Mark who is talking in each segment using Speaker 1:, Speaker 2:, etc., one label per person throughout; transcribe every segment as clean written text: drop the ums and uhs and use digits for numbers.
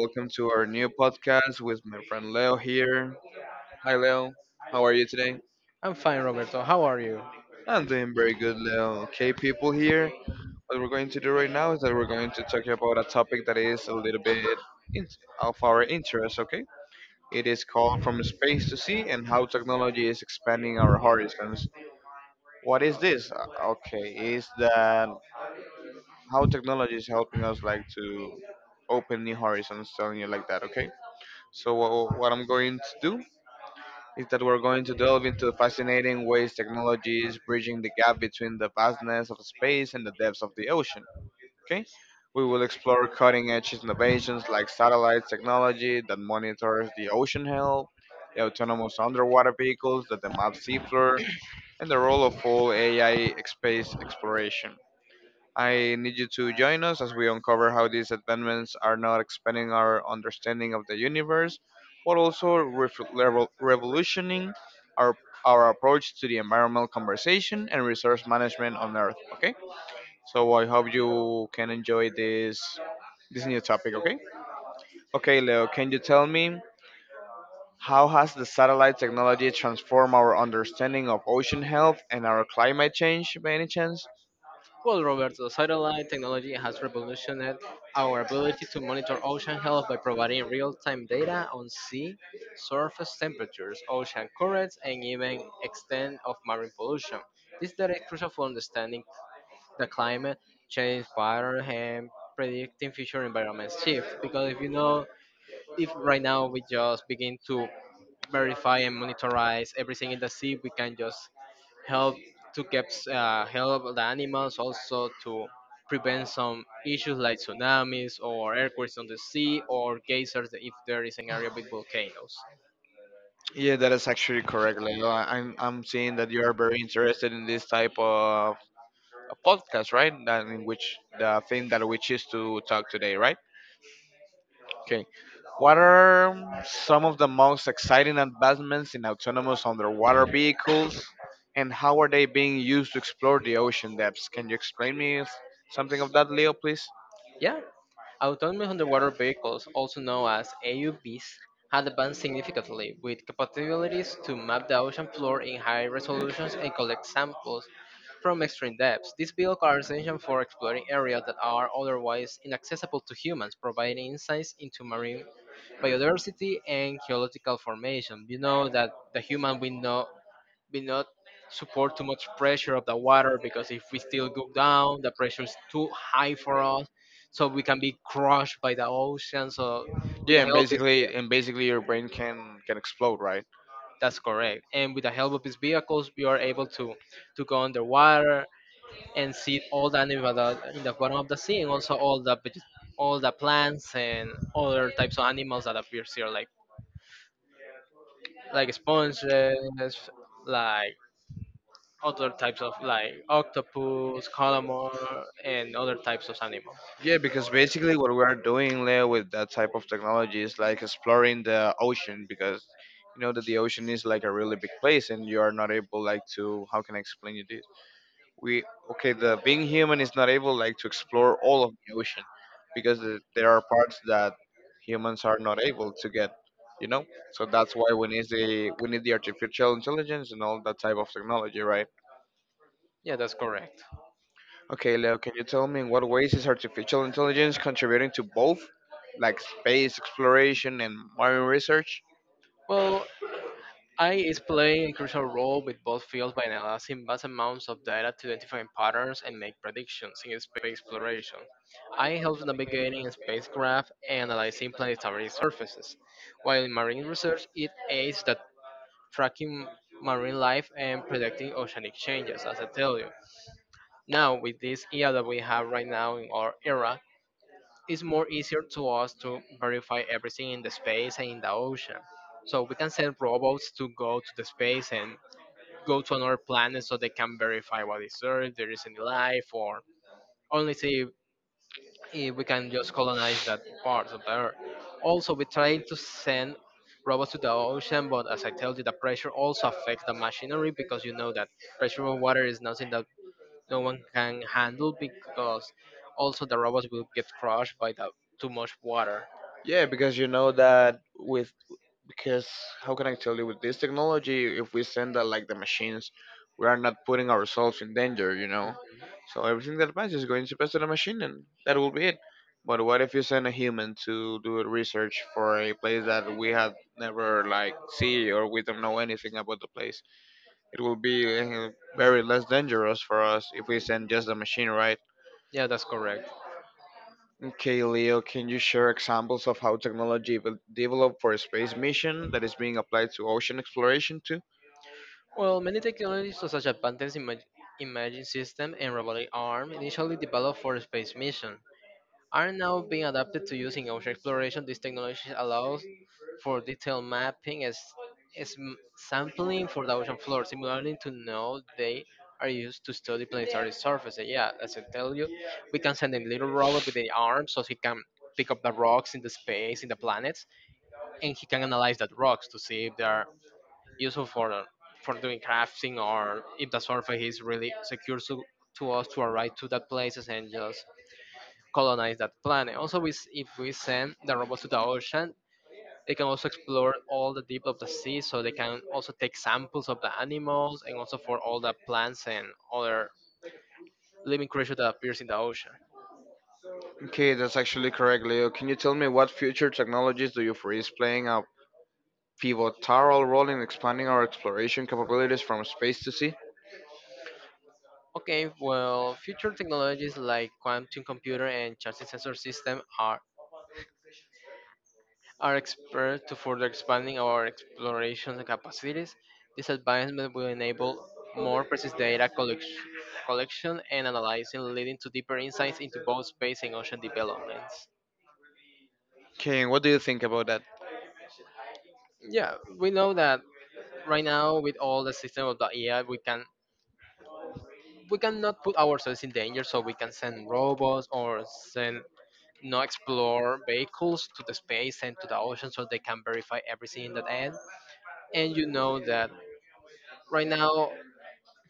Speaker 1: Welcome to our new podcast with my friend Leo here. Hi Leo, how are you today?
Speaker 2: I'm fine, Roberto. How are you?
Speaker 1: I'm doing very good, Leo. Okay, people here, what we're going to do right now is that we're going to talk about a topic that is a little bit in- of our interest, okay? It is called From Space to Sea and How Technology is Expanding Our Horizons. What is this? Okay, is that how technology is helping us like to open new horizons, telling you like that, okay? So what I'm going to do is that we're going to delve into fascinating ways technology is bridging the gap between the vastness of space and the depths of the ocean. Okay? We will explore cutting edge innovations like satellite technology that monitors the ocean health, the autonomous underwater vehicles that the map seafloor, and the role of full AI space exploration. I need you to join us as we uncover how these advancements are not expanding our understanding of the universe, but also revolutioning our our approach to the environmental conversation and resource management on Earth. Okay, so I hope you can enjoy this new topic. Okay, okay, Leo, can you tell me how has the satellite technology transformed our understanding of ocean health and our climate change by any chance?
Speaker 2: Well, Roberto, satellite technology has revolutionized our ability to monitor ocean health by providing real-time data on sea surface temperatures, ocean currents, and even extent of marine pollution. This data is crucial for understanding the climate change pattern and predicting future environment shift. Because if you know, if right now we just begin to verify and monitorize everything in the sea, we can just help to keep help the animals also to prevent some issues like tsunamis or earthquakes on the sea or geysers if there is an area with volcanoes.
Speaker 1: Yeah, that is actually correct. I'm seeing that you are very interested in this type of podcast, right? That in which the thing that we choose to talk today, right? Okay. What are some of the most exciting advancements in autonomous underwater vehicles, and how are they being used to explore the ocean depths? Can you explain me something of that, Leo, please?
Speaker 2: Yeah, autonomous underwater vehicles, also known as AUVs, have advanced significantly, with capabilities to map the ocean floor in high resolutions and collect samples from extreme depths. These vehicles are essential for exploring areas that are otherwise inaccessible to humans, providing insights into marine biodiversity and geological formation. You know that the human we know be not support too much pressure of the water, because if we still go down, the pressure is too high for us, so we can be crushed by the ocean. So with
Speaker 1: Yeah,
Speaker 2: the
Speaker 1: and
Speaker 2: help of this,
Speaker 1: basically, your brain can explode, right?
Speaker 2: that's correct. And with the help of these vehicles, we are able to go underwater and see all the animals that are in the bottom of the sea, and also all the all the plants and other types of animals that appears here, like sponges, like other types of like octopus, calamar, and other types of animals.
Speaker 1: Yeah, because basically what we're doing, Leo, with that type of technology is like exploring the ocean because you know that the ocean is like a really big place and you are not able like to how can I explain you this? We okay, the being human is not able like to explore all of the ocean because there are parts that humans are not able to get, you know? So that's why we need the artificial intelligence and all that type of technology, right?
Speaker 2: Yeah, that's correct.
Speaker 1: Okay, Leo, can you tell me in what ways is artificial intelligence contributing to both, like space exploration and marine research?
Speaker 2: Well, AI is playing a crucial role with both fields by analyzing vast amounts of data to identify patterns and make predictions in space exploration. AI helps navigating spacecraft and analyzing planetary surfaces, while in marine research, it aids that tracking marine life and predicting oceanic changes, as I tell you. Now, with this AI that we have right now in our era, it's more easier to us to verify everything in the space and in the ocean. So we can send robots to go to the space and go to another planet so they can verify what is there, if there is any life, or only see if we can just colonize that part of the earth. Also, we try to send robots to the ocean, but as I told you, the pressure also affects the machinery because you know that pressure of water is nothing that no one can handle, because also the robots will get crushed by the too much water.
Speaker 1: Yeah, because you know that with because how can I tell you with this technology, if we send that like the machines, we are not putting ourselves in danger, you know.
Speaker 2: Mhm.
Speaker 1: So everything that passes is going to pass to the machine, and that will be it. But what if you send a human to do a research for a place that we have never like see or we don't know anything about the place? It will be very less dangerous for us if we send just the machine, right?
Speaker 2: Yeah, that's correct.
Speaker 1: Okay, Leo, can you share examples of how technology will develop for a space mission that is being applied to ocean exploration too?
Speaker 2: Well, many technologies such as advanced imaging system and robotic arm, initially developed for space mission, are now being adapted to use in ocean exploration. This technology allows for detailed mapping as sampling for the ocean floor, similarly to now they are used to study planetary surfaces. Yeah, as I tell you, we can send a little robot with the arm so he can pick up the rocks in the space, in the planets, and he can analyze that rocks to see if there useful for doing crafting, or if the surface is really secure to us to arrive to that places and just colonize that planet. Also, if we send the robots to the ocean, they can also explore all the deep of the sea, so they can also take samples of the animals and also for all the plants and other living creatures that appears in the ocean.
Speaker 1: Okay, that's actually correct, Leo. Can you tell me what future technologies do you foresee playing a pivotal role in expanding our exploration capabilities from space to sea?
Speaker 2: Okay, well, future technologies like quantum computer and charging sensor system are expert to further expanding our exploration capacities. This advancement will enable more precise data collection and analyzing, leading to deeper insights into both space and ocean developments.
Speaker 1: Okay, and what do you think about that?
Speaker 2: Yeah, we know that right now with all the system of the AI, we cannot put ourselves in danger, so we can send robots or send no explore vehicles to the space and to the ocean so they can verify everything in that end. And you know that right now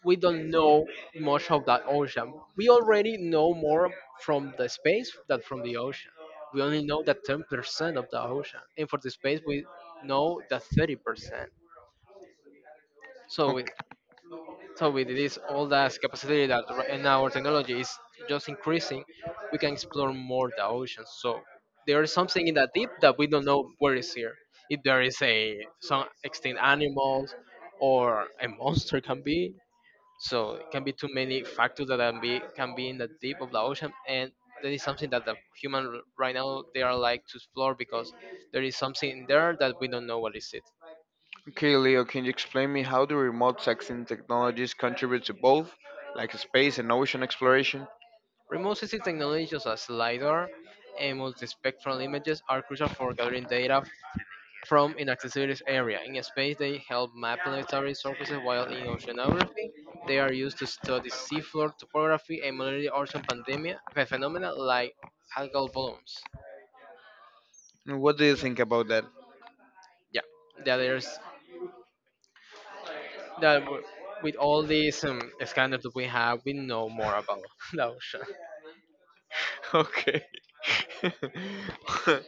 Speaker 2: we don't know much of that ocean. We already know more from the space than from the ocean. We only know that 10% of the ocean, and for the space we know that 30%. So we,
Speaker 1: Okay,
Speaker 2: so with this all that capacity that right and our technology is just increasing, we can explore more the ocean. So there is something in that deep that we don't know where is here, if there is a some extinct animals or a monster can be, so it can be too many factors that can be in the deep of the ocean, and that is something that the human right now they are like to explore because there is something there that we don't know what is it.
Speaker 1: okay, Leo, can you explain me how do remote sensing technologies contribute to both, like space and ocean exploration?
Speaker 2: Remote sensing technologies such as LiDAR and multispectral images are crucial for gathering data from inaccessible area. In space, they help map planetary surfaces, while in oceanography, they are used to study seafloor topography and monitor ocean pandemia phenomena like algal blooms.
Speaker 1: What do you think about that?
Speaker 2: Yeah, the there's. That w- with all these scandals that we have, we know more about the ocean.
Speaker 1: Okay.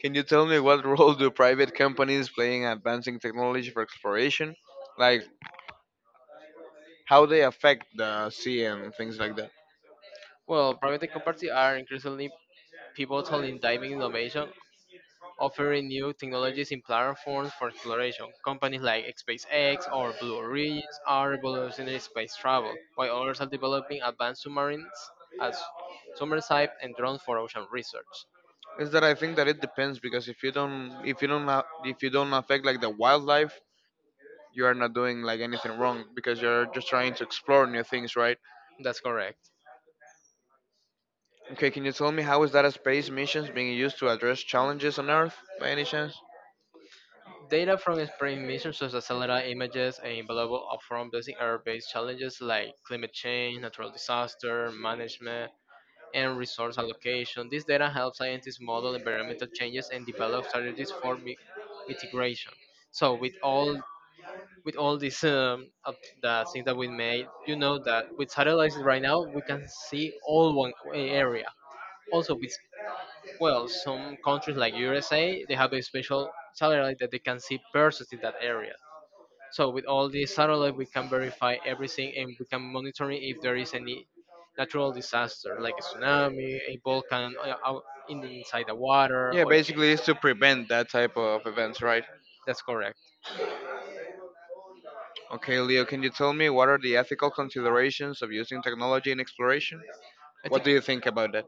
Speaker 1: Can you tell me what role do private companies play in advancing technology for exploration? Like how they affect the sea and things like that?
Speaker 2: Well, private companies are increasingly pivotal in diving innovation, offering new technologies in platforms for exploration. Companies like SpaceX or Blue Origin are revolutionary space travel, while others are developing advanced submarines as submersible and drones for ocean research.
Speaker 1: Is that I think that it depends because if you don't if you don't affect like the wildlife, you are not doing like anything wrong because you're just trying to explore new things, right?
Speaker 2: That's correct.
Speaker 1: Okay, can you tell me how is that space missions being used to address challenges on Earth by any chance?
Speaker 2: Data from spring missions such as satellite images are invaluable from facing earth-based challenges like climate change, natural disaster management, and resource allocation. This data helps scientists model environmental changes and develop strategies for mitigation. So with all with all these of the things that we made, you know that with satellites right now we can see all one area. Also with well, some countries like USA, they have a special satellite that they can see persons in that area. So with all this satellite, we can verify everything and we can monitor if there is any natural disaster like a tsunami, a volcano out in the, inside the water.
Speaker 1: Yeah,
Speaker 2: Or
Speaker 1: basically it's to prevent that type of events, right?
Speaker 2: that's correct.
Speaker 1: Okay, Leo, can you tell me what are the ethical considerations of using technology in exploration?
Speaker 2: Ethic,
Speaker 1: What do you think about that?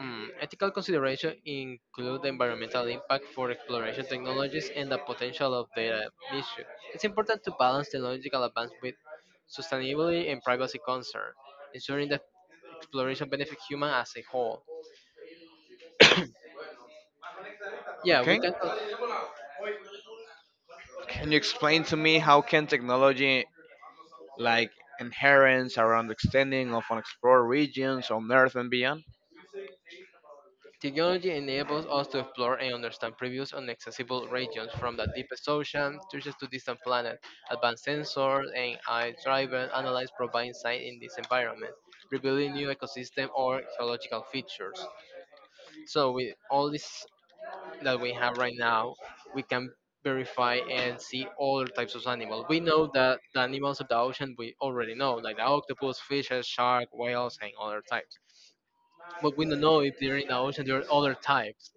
Speaker 2: Ethical consideration include the environmental impact for exploration technologies and the potential of data misuse. It's important to balance technological advance with sustainability and privacy concern, ensuring that exploration benefits human as a whole. Yeah, we
Speaker 1: Okay.
Speaker 2: can.
Speaker 1: Can you explain to me how can technology like inherence around extending of unexplored regions on Earth and beyond?
Speaker 2: Technology enables us to explore and understand previous inaccessible regions, from the deepest ocean trenches to distant planets. Advanced sensors and AI-driven analysis provide insight in this environment, revealing new ecosystem or geological features. So with all this that we have right now, we can verify and see all types of animals. We know that the animals of the ocean we already know, like the octopus, fishes, shark, whales, and other types. But we don't know if they're in the ocean there are other types.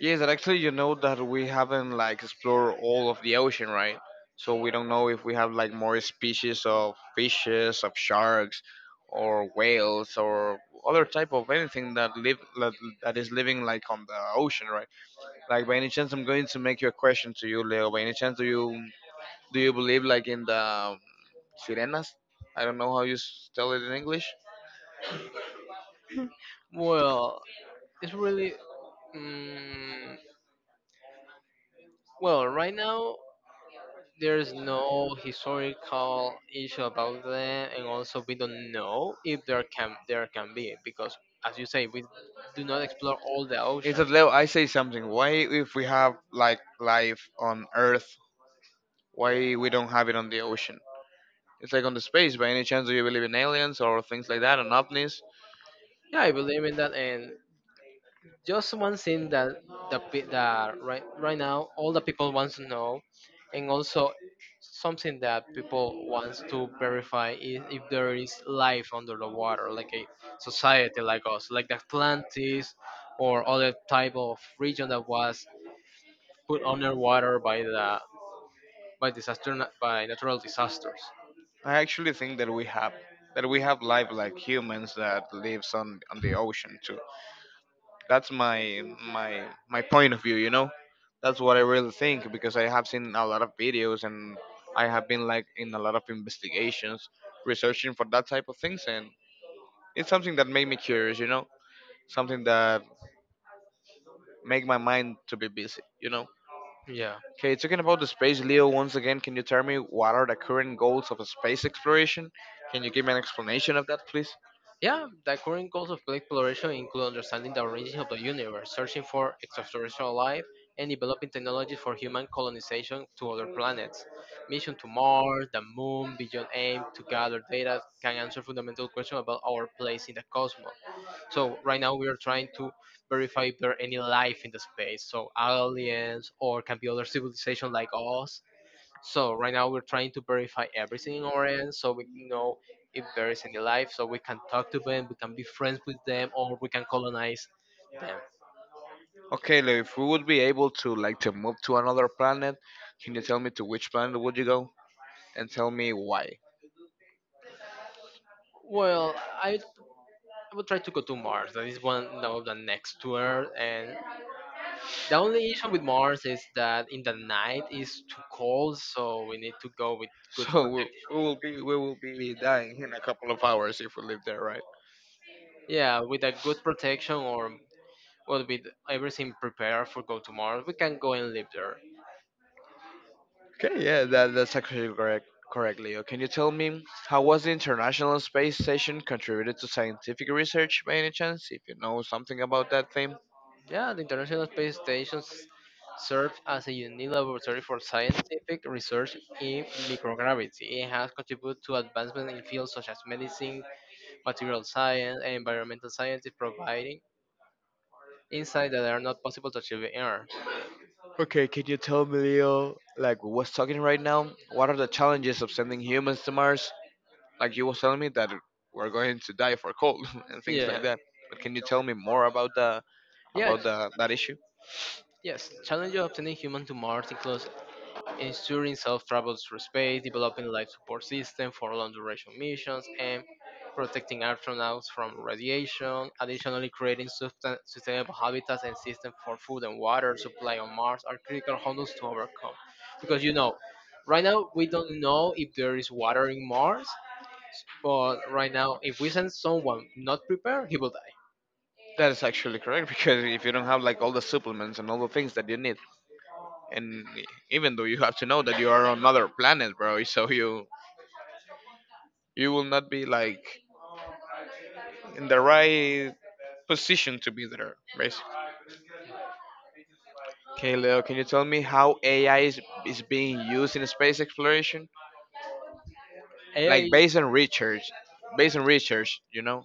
Speaker 1: Yes, and actually, you know that we haven't like explored all of the ocean, right? So we don't know if we have like more species of fishes, of sharks, or whales, or other type of anything that live that is living like on the ocean, right? Like by any chance, I'm going to make you a question to you, Leo. By any chance, do you believe like in the sirenas? I don't know how you tell it in English.
Speaker 2: Well, it's really mm right now there's no historical issue about them, and also we don't know if there can be, because, as you say, we do not explore all the ocean.
Speaker 1: Instead, Leo, I say something. Why, if we have like life on Earth, why we don't have it on the ocean? It's like on the space. By any chance, do you believe in aliens or things like that, and ovnis?
Speaker 2: Yeah, I believe in that, and just one thing that that right now all the people wants to know, and also something that people wants to verify is if there is life under the water, like a society like us, like the Atlantis or other type of region that was put underwater by disaster, by natural disasters.
Speaker 1: I actually think that we have life like humans that lives on the ocean too. That's my point of view, you know. That's what I really think because I have seen a lot of videos and I have been like in a lot of investigations researching for that type of things and it's something that made me curious, you know. Something that make my mind to be busy, you know.
Speaker 2: Yeah.
Speaker 1: Okay, talking about the space, Leo, once again, can you tell me what are the current goals of space exploration? Can you give me an explanation of that, please?
Speaker 2: Yeah, the current goals of black exploration include understanding the origin of the universe, searching for extraterrestrial life, and developing technologies for human colonization to other planets. Mission to Mars, the Moon, Beyond AIM to gather data can answer fundamental questions about our place in the cosmos. So right now we are trying to verify if there are any life in the space, so aliens or can be other civilization like us, so right now we're trying to verify everything in our end so we can know if there is any life, so we can talk to them, we can be friends with them, or we can colonize them.
Speaker 1: Okay, Leo, if we would be able to move to another planet, can you tell me to which planet would you go and tell me why?
Speaker 2: Well, I, I would try to go to Mars. That is one of the next to, and the only issue with Mars is that in the night is too cold, so we need to go with good,
Speaker 1: So we will be dying in a couple of hours if we live there, right?
Speaker 2: yeah, with a good protection, or well, with everything prepared for go to Mars. We can go and live there.
Speaker 1: Okay, yeah, that's actually correct. Correct, Leo. Can you tell me how was the International Space Station contributed to scientific research by any chance? If you know something about that thing.
Speaker 2: Yeah, the International Space Station serves as a unique laboratory for scientific research in microgravity. It has contributed to advancement in fields such as medicine, material science, and environmental science, providing insights that are not possible to achieve in Earth.
Speaker 1: Okay, can you tell me, Leo, like we was talking right now, what are the challenges of sending humans to Mars? Like you was telling me that we're going to die for cold and things
Speaker 2: Yeah.
Speaker 1: like that. But can you tell me more about the
Speaker 2: Yeah.
Speaker 1: that issue?
Speaker 2: Yes, challenges of sending humans to Mars include ensuring safe travels through space, developing life support system for long duration missions, and protecting astronauts from radiation. Additionally, creating sustainable habitats and systems for food and water supply on Mars are critical hurdles to overcome. Because you know, right now we don't know if there is water in Mars, but right now if we send someone not prepared, he will die.
Speaker 1: That is actually correct because if you don't have like all the supplements and all the things that you need, and even though you have to know that you are on another planet, bro, so you will not be like in the right position to be there, basically. Okay, Leo, can you tell me how AI is being used in space exploration? Like
Speaker 2: AI.
Speaker 1: based on research, you know?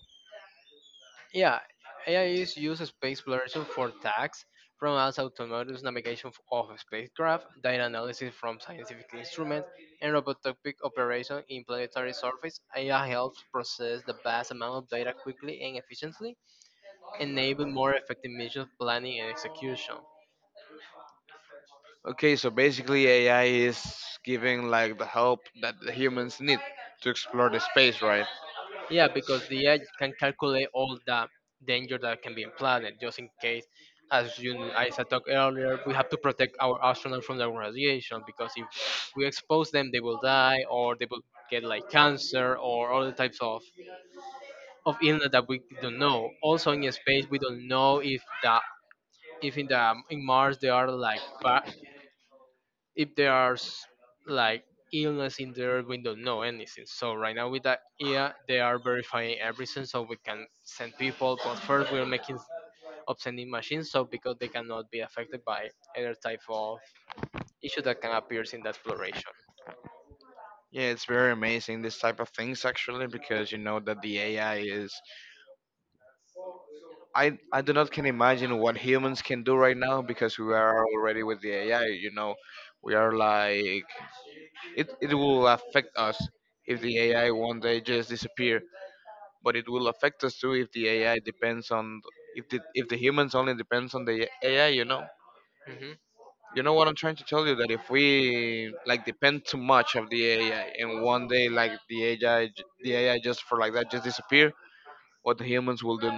Speaker 2: Yeah, AI is used in space exploration for tags from as autonomous navigation of spacecraft, data analysis from scientific instruments, and robotic operation in planetary surface. AI helps process the vast amount of data quickly and efficiently, enabling more effective mission planning and execution.
Speaker 1: Okay, so basically AI is giving like the help that the humans need to explore the space, right?
Speaker 2: Yeah, because the AI can calculate all the danger that can be implanted, just in case, as you as I talked earlier, we have to protect our astronauts from the radiation because if we expose them, they will die or they will get like cancer or other types of illness that we don't know. Also in space, we don't know if the if in the in Mars there are like if there's like illness in there, we don't know anything. So right now with that, yeah, they are verifying everything so we can send people, but first we're making of sending machines so because they cannot be affected by any type of issue that can appear in the exploration.
Speaker 1: Yeah, it's very amazing this type of things actually because you know that the AI is I do not can imagine what humans can do right now because we are already with the AI, you know. We are like It will affect us if the AI one day just disappear, but it will affect us too if the AI depends on if the humans only depends on the AI.
Speaker 2: hmm
Speaker 1: You know what I'm trying to tell you that if we like depend too much of the AI and one day like the AI just for like that just disappear, what the humans will do.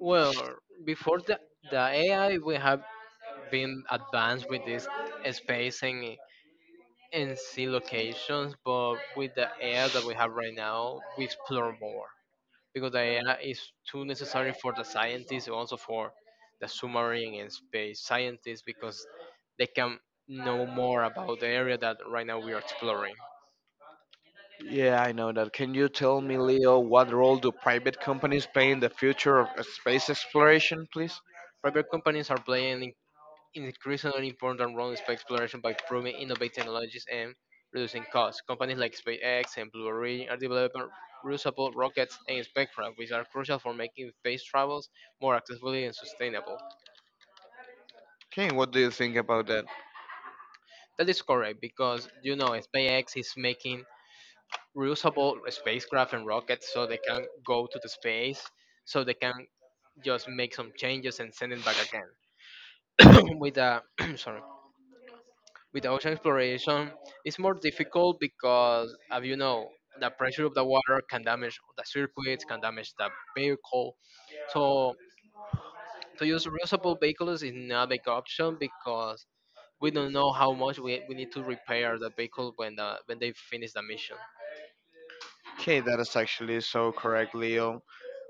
Speaker 2: well before the AI, we have been advanced with this space and see locations, but with the air that we have right now, we explore more. Because the AI is too necessary for the scientists and also for the submarine and space scientists, because they can know more about the area that right now we are exploring.
Speaker 1: Yeah, I know that. Can you tell me, Leo, what role do private companies play in the future of space exploration, please?
Speaker 2: Private companies are playing an increasingly important role in space exploration by proving innovative technologies and reducing costs. Companies like SpaceX and Blue Origin are developing reusable rockets and spacecraft, which are crucial for making space travels more accessible and sustainable.
Speaker 1: Okay, what do you think about that?
Speaker 2: That is correct, because you know SpaceX is making reusable spacecraft and rockets, so they can go to the space, so they can just make some changes and send it back again. With the sorry, with the ocean exploration, it's more difficult because as you know the pressure of the water can damage the circuits, can damage the vehicle. So to use reusable vehicles is not a big option because we don't know how much we need to repair the vehicle when the when they finish the mission.
Speaker 1: Okay, that is actually so correct, Leo.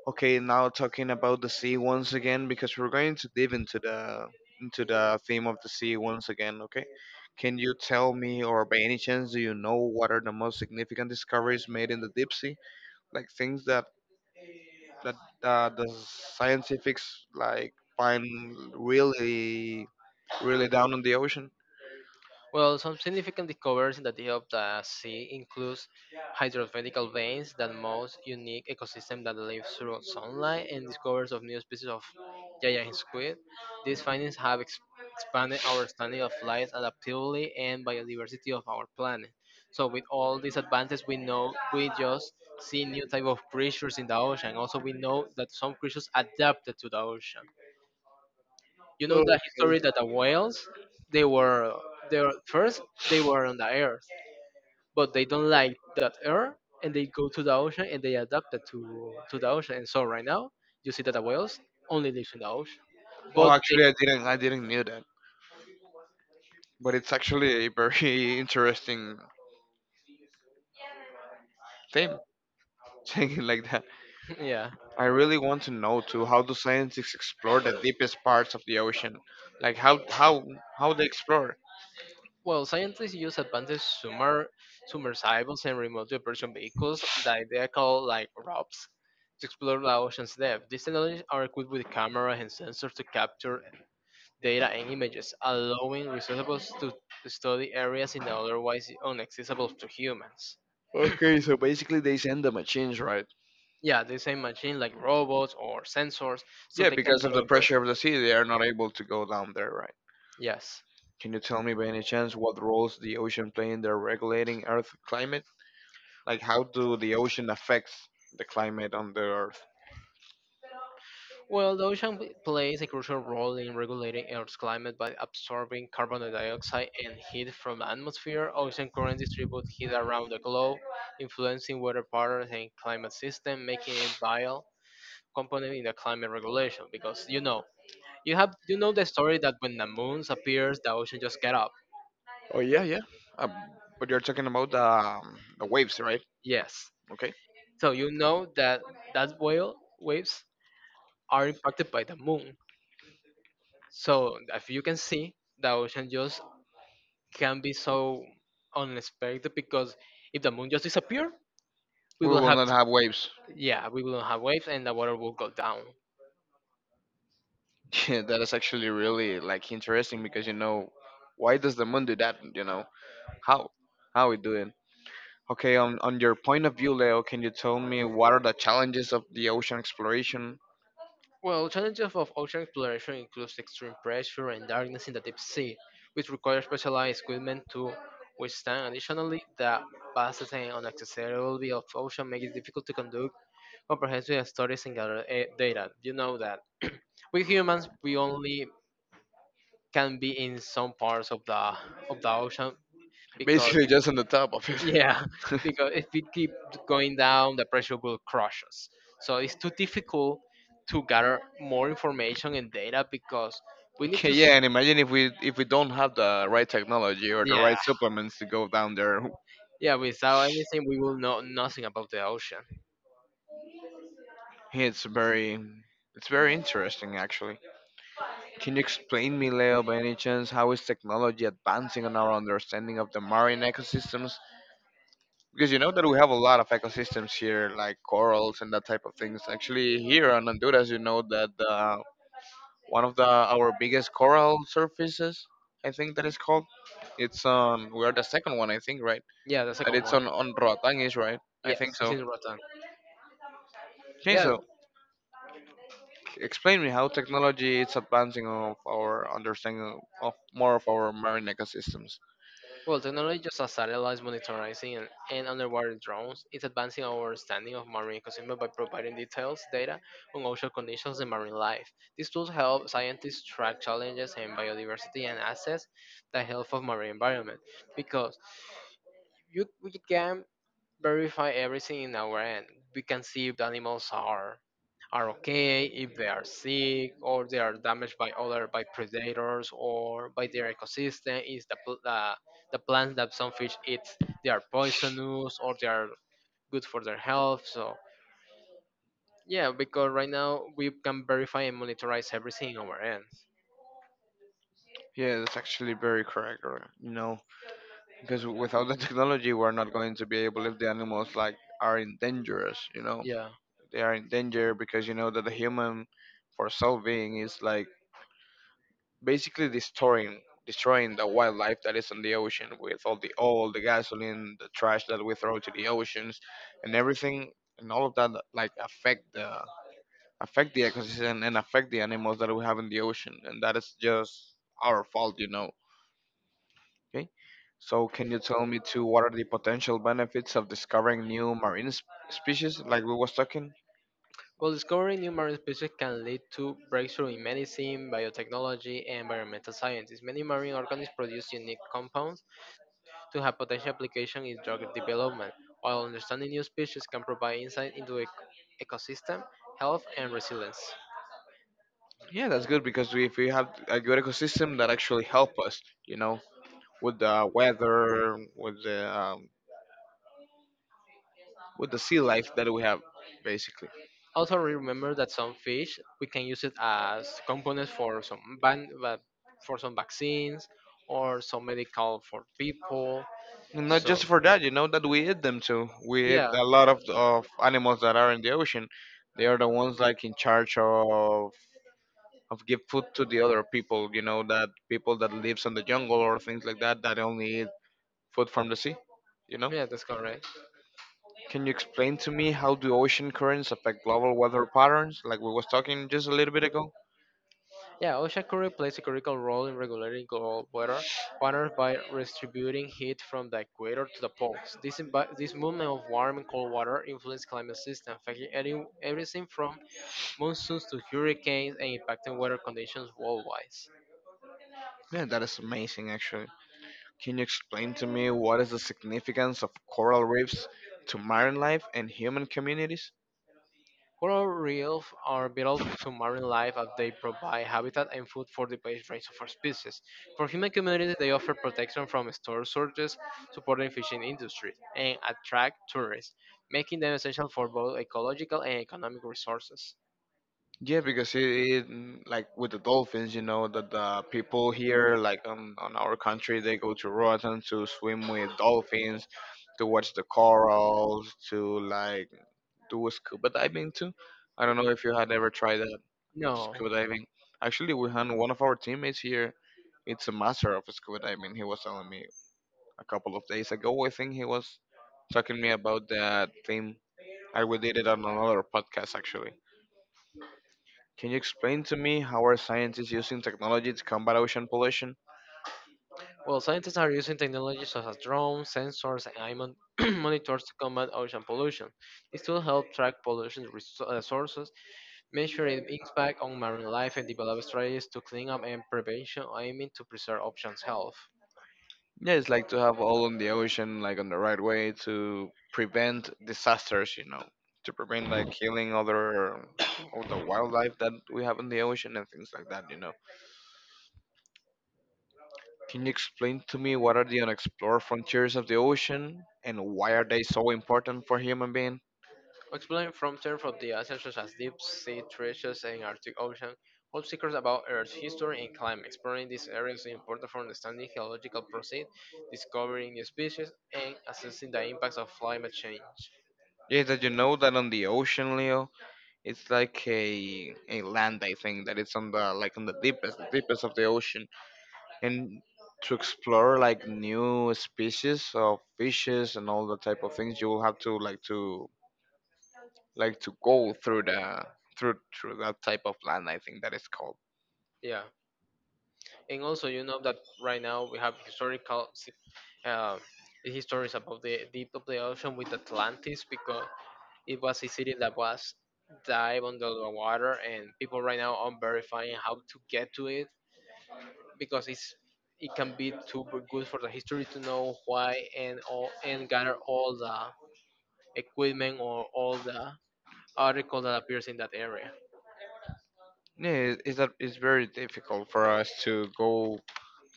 Speaker 1: Okay, now talking about the sea once again because we're going to dive into the theme of the sea once again, okay? Can you tell me or by any chance do you know what are the most significant discoveries made in the deep sea? Like things that that the scientifics like find really really down in the ocean?
Speaker 2: Well, some significant discoveries in the deep of the sea includes hydrothermal veins, the most unique ecosystem that lives through sunlight, and discoveries of new species of giant squid. These findings have expanded our understanding of life, adaptability, and biodiversity of our planet. So, with all these advances, we know we just see new type of creatures in the ocean. Also, we know that some creatures adapted to the ocean. You know
Speaker 1: Oh,
Speaker 2: the history that the whales, they were they were first they were on the earth, but they don't like that earth and they go to the ocean and they adapted to the ocean. And so right now you see that the whales only live in the ocean,
Speaker 1: Oh,
Speaker 2: but they
Speaker 1: actually I didn't knew that, but it's actually a very interesting theme saying it like that.
Speaker 2: yeah.
Speaker 1: I really want to know too how do scientists explore the deepest parts of the ocean. Like how they explore.
Speaker 2: Well, scientists use advanced summer submersibles and remote operation vehicles that they call like ROBs to explore the ocean's depth. These technologies are equipped with cameras and sensors to capture data and images, allowing researchers to study areas in otherwise inaccessible to humans.
Speaker 1: Okay, so basically they send the machines, right?
Speaker 2: Yeah, the same machine like robots or sensors, so
Speaker 1: Yeah,
Speaker 2: they can
Speaker 1: because of the
Speaker 2: absorb
Speaker 1: pressure
Speaker 2: pressure.
Speaker 1: of the sea they are not able to go down there, right?
Speaker 2: Yes.
Speaker 1: Can you tell me by any chance what roles the ocean play in their regulating earth climate, like how do the ocean affects the climate on the earth?
Speaker 2: Well, the ocean plays a crucial role in regulating Earth's climate by absorbing carbon dioxide and heat from the atmosphere. Ocean currents distribute heat around the globe, influencing weather patterns and climate system, making it vital component in the climate regulation. Because you know, you know the story that when the moon appears, the ocean just get up.
Speaker 1: Oh yeah, yeah. Um, but you're talking about the waves, right?
Speaker 2: Yes.
Speaker 1: Okay.
Speaker 2: So you know that whale waves are impacted by the moon. So if you can see, the ocean just can be so unexpected, because if the moon just disappear, we
Speaker 1: We
Speaker 2: will
Speaker 1: will
Speaker 2: have,
Speaker 1: not have waves.
Speaker 2: yeah, we will have waves and the water will go down.
Speaker 1: Yeah, that is actually really like interesting because why does the moon do that? You know how how it doing? Okay, on your point of view, Leo, can you tell me what are the challenges of the ocean exploration?
Speaker 2: Well, challenges of ocean exploration includes extreme pressure and darkness in the deep sea, which require specialized equipment to withstand. Additionally, the vast and unaccessibility of ocean makes it difficult to conduct comprehensive studies and gather data. You know that we humans we only can be in some parts of the ocean because
Speaker 1: Basically, just on the top of it.
Speaker 2: basically, yeah, because if we keep going down, the pressure will crush us, so it's too difficult to gather more information and data, because we need
Speaker 1: Okay,
Speaker 2: to,
Speaker 1: yeah, and imagine if we don't have the right technology or the
Speaker 2: yeah.
Speaker 1: right supplements to go down there.
Speaker 2: Yeah, without anything we will know nothing about the ocean.
Speaker 1: It's very it's very interesting actually. Can you explain me, Leo, by any chance, how is technology advancing on our understanding of the marine ecosystems? Because you know that we have a lot of ecosystems here, like corals and that type of things. Actually, here on Honduras, you know that one of the our biggest coral surfaces, I think that is called, it's on. We are the second one, I think, right?
Speaker 2: Yeah, the
Speaker 1: And
Speaker 2: second
Speaker 1: it's
Speaker 2: one,
Speaker 1: on Roatán, is right?
Speaker 2: okay.
Speaker 1: I
Speaker 2: Yeah,
Speaker 1: think
Speaker 2: it's
Speaker 1: so.
Speaker 2: in Rotan. Hey,
Speaker 1: Okay,
Speaker 2: yeah.
Speaker 1: so explain me how technology is advancing of our understanding of more of our marine ecosystems.
Speaker 2: Well, technology such as satellites monitoring and, underwater drones is advancing our understanding of marine ecosystem by providing detailed data on ocean conditions and marine life. These tools help scientists track challenges in biodiversity and assess the health of marine environment, because you, we can verify everything in our end. We can see if the animals are okay, if they are sick, or they are damaged by other, by predators or by their ecosystem. Is the the plants that some fish eat, they are poisonous or they are good for their health? So yeah, because right now we can verify and monitorize everything in our end.
Speaker 1: Yeah, that's actually very correct. Or, because without the technology, we're not going to be able if the animals like are in dangerous. You know,
Speaker 2: Yeah.
Speaker 1: they are in danger because you know that the human, for solving, is like basically destroying the wildlife that is in the ocean with all the oil, the gasoline, the trash that we throw to the oceans, and everything, and all of that like affect the ecosystem and affect the animals that we have in the ocean, and that is just our fault. You know. Okay. So can you tell me too what are the potential benefits of discovering new marine species like we was talking?
Speaker 2: Well, discovering new marine species can lead to breakthrough in medicine, biotechnology, and environmental sciences. Many marine organisms produce unique compounds to have potential application in drug development, while understanding new species can provide insight into ecosystem, health, and resilience.
Speaker 1: Yeah, that's good because if we have a good ecosystem that actually help us, you know, with the weather, with the sea life that we have, basically.
Speaker 2: Also, remember that some fish we can use it as components for some for some vaccines or some medical for people.
Speaker 1: And not just
Speaker 2: So
Speaker 1: for that, that we eat them too. We eat
Speaker 2: yeah,
Speaker 1: a lot of animals that are in the ocean. They are the ones like in charge of give food to the other people, you know, that people that lives on the jungle or things like that, that only eat food from the sea, you know.
Speaker 2: yeah, that's correct.
Speaker 1: Can you explain to me how do ocean currents affect global weather patterns, like we was talking just a little bit ago?
Speaker 2: Yeah, ocean current plays a critical role in regulating global weather patterns by redistributing heat from the equator to the poles. This movement of warm and cold water influences climate systems, affecting everything from monsoons to hurricanes and impacting weather conditions worldwide.
Speaker 1: Yeah, that is amazing actually. Can you explain to me what is the significance of coral reefs to marine life and human communities?
Speaker 2: Coral reefs are vital to marine life as they provide habitat and food for the vast range of our species. For human communities, they offer protection from storm surges, supporting fishing industries, and attract tourists, making them essential for both ecological and economic resources.
Speaker 1: Yeah, because it like with the dolphins, you know that the people here, like on our country, they go to Roatan to swim with dolphins, to watch the corals, to like do scuba diving too. I don't know
Speaker 2: Mhm.
Speaker 1: if you had ever tried that of
Speaker 2: No.
Speaker 1: scuba diving. Actually, we had one of our teammates here. It's a master of scuba diving. He was telling me a couple of days ago. I think he was talking me about that thing. I we did it on another podcast actually. Can you explain to me how are scientists using technology to combat ocean pollution?
Speaker 2: Well, scientists are using technologies such as drones, sensors, and eye monitors to combat ocean pollution. These tools help track pollution sources, measuring the impact on marine life and develop strategies to clean up and prevention, aiming to preserve oceans health.
Speaker 1: Yeah, it's like to have all on the ocean, like on the right way to prevent disasters, you know, to prevent like killing other all the wildlife that we have in the ocean and things like that, you know. Can you explain to me what are the unexplored frontiers of the ocean and why are they so important for human being?
Speaker 2: Exploring frontier from the oceans such as deep sea treasures and Arctic Ocean hold secrets about Earth's history and climate. Exploring these areas is important for understanding geological processes, discovering new species, and assessing the impacts of climate change.
Speaker 1: Yeah, did you know that on the ocean, Leo, it's like a land, I think that it's on the, like, on the deepest of the ocean, and to explore like new species of fishes and all the type of things you will have to like to go through the through through that type of land, I think that is called.
Speaker 2: Yeah, and also you know that right now we have historical uh, the histories about the deep of the ocean with Atlantis, because it was a city that was dive under the water, and people right now are verifying how to get to it, because it's, it can be too good for the history to know why and all and gather all the equipment or all the article that appears in that area.
Speaker 1: Yeah, it's very difficult for us to go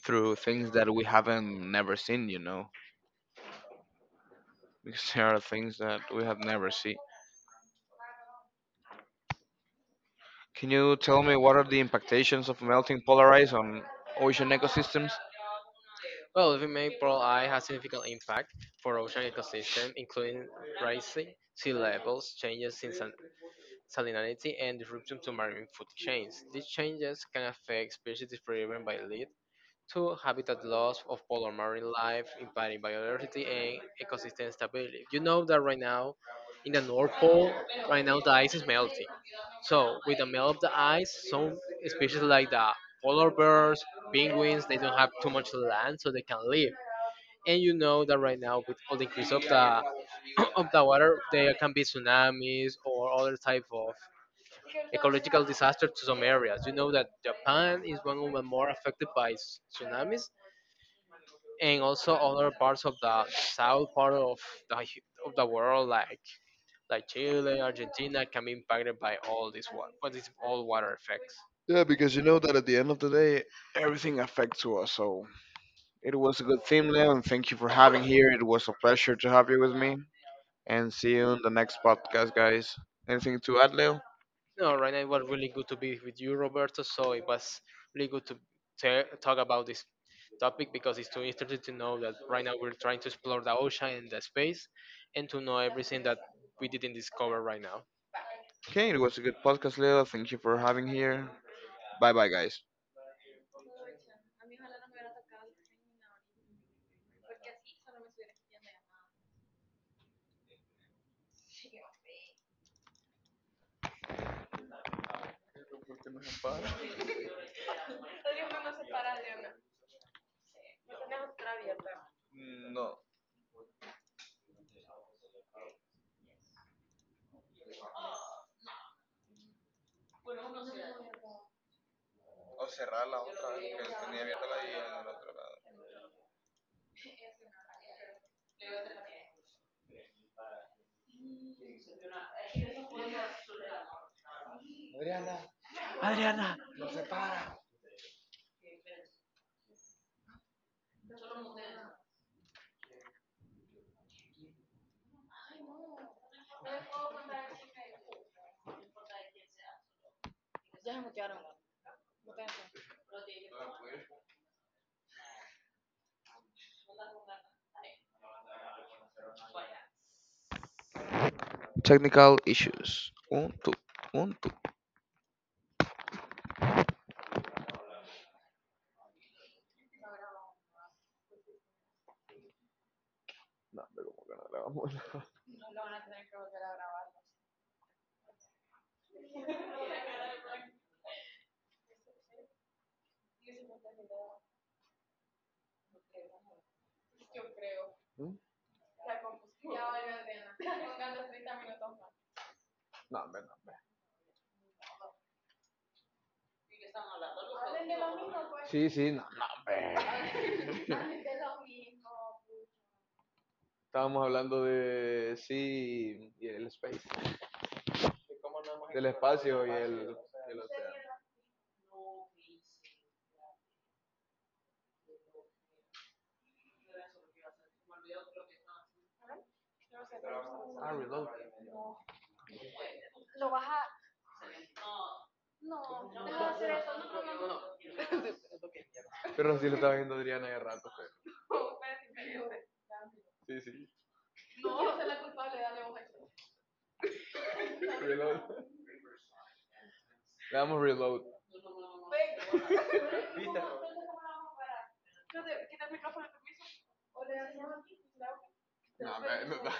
Speaker 1: through things that we haven't never seen, you know, because there are things that we have never seen. Can you tell me what are the impactations of melting polarized on ocean ecosystems?
Speaker 2: Well, living make pearl eye has significant impact for ocean ecosystem, including rising sea levels, changes in salinity, and disruption to marine food chains. These changes can affect species driven by lead two, habitat loss of polar marine life, impacting biodiversity and ecosystem stability. You know that right now, in the North Pole, right now the ice is melting. So with the melt of the ice, some species like the polar bears, penguins, they don't have too much land so they can live. And you know that right now with all the increase of the of the water, there can be tsunamis or other type of ecological disaster to some areas. You know that Japan is one of the more affected by tsunamis, and also other parts of the south part of the of the world, like Chile, Argentina, can be impacted by all this water, but this all water effects.
Speaker 1: Yeah, because you know that at the end of the day, everything affects to us. So it was a good theme, Leo, and thank you for having here. It was a pleasure to have you with me. And see you in the next podcast, guys. Anything to add, Leo?
Speaker 2: No, right now it was really good to be with you, Roberto. So it was really good to talk about this topic, because it's too interesting to know that right now we're trying to explore the ocean and the space, and to know everything that we didn't discover right now.
Speaker 1: Okay, it was a good podcast, Leo. Thank you for having here. Bye bye, guys.
Speaker 2: Adriana,
Speaker 1: Technical issues. Un, tu, un, tu. No, pero ¿cómo que no grabamos? ¿Mm? No, hombre, no. Sí, sí, no. Estábamos hablando de sí y el space. Del espacio y el océano. Pero sí lo estaba viendo Adriana hace rato. Le damos. No,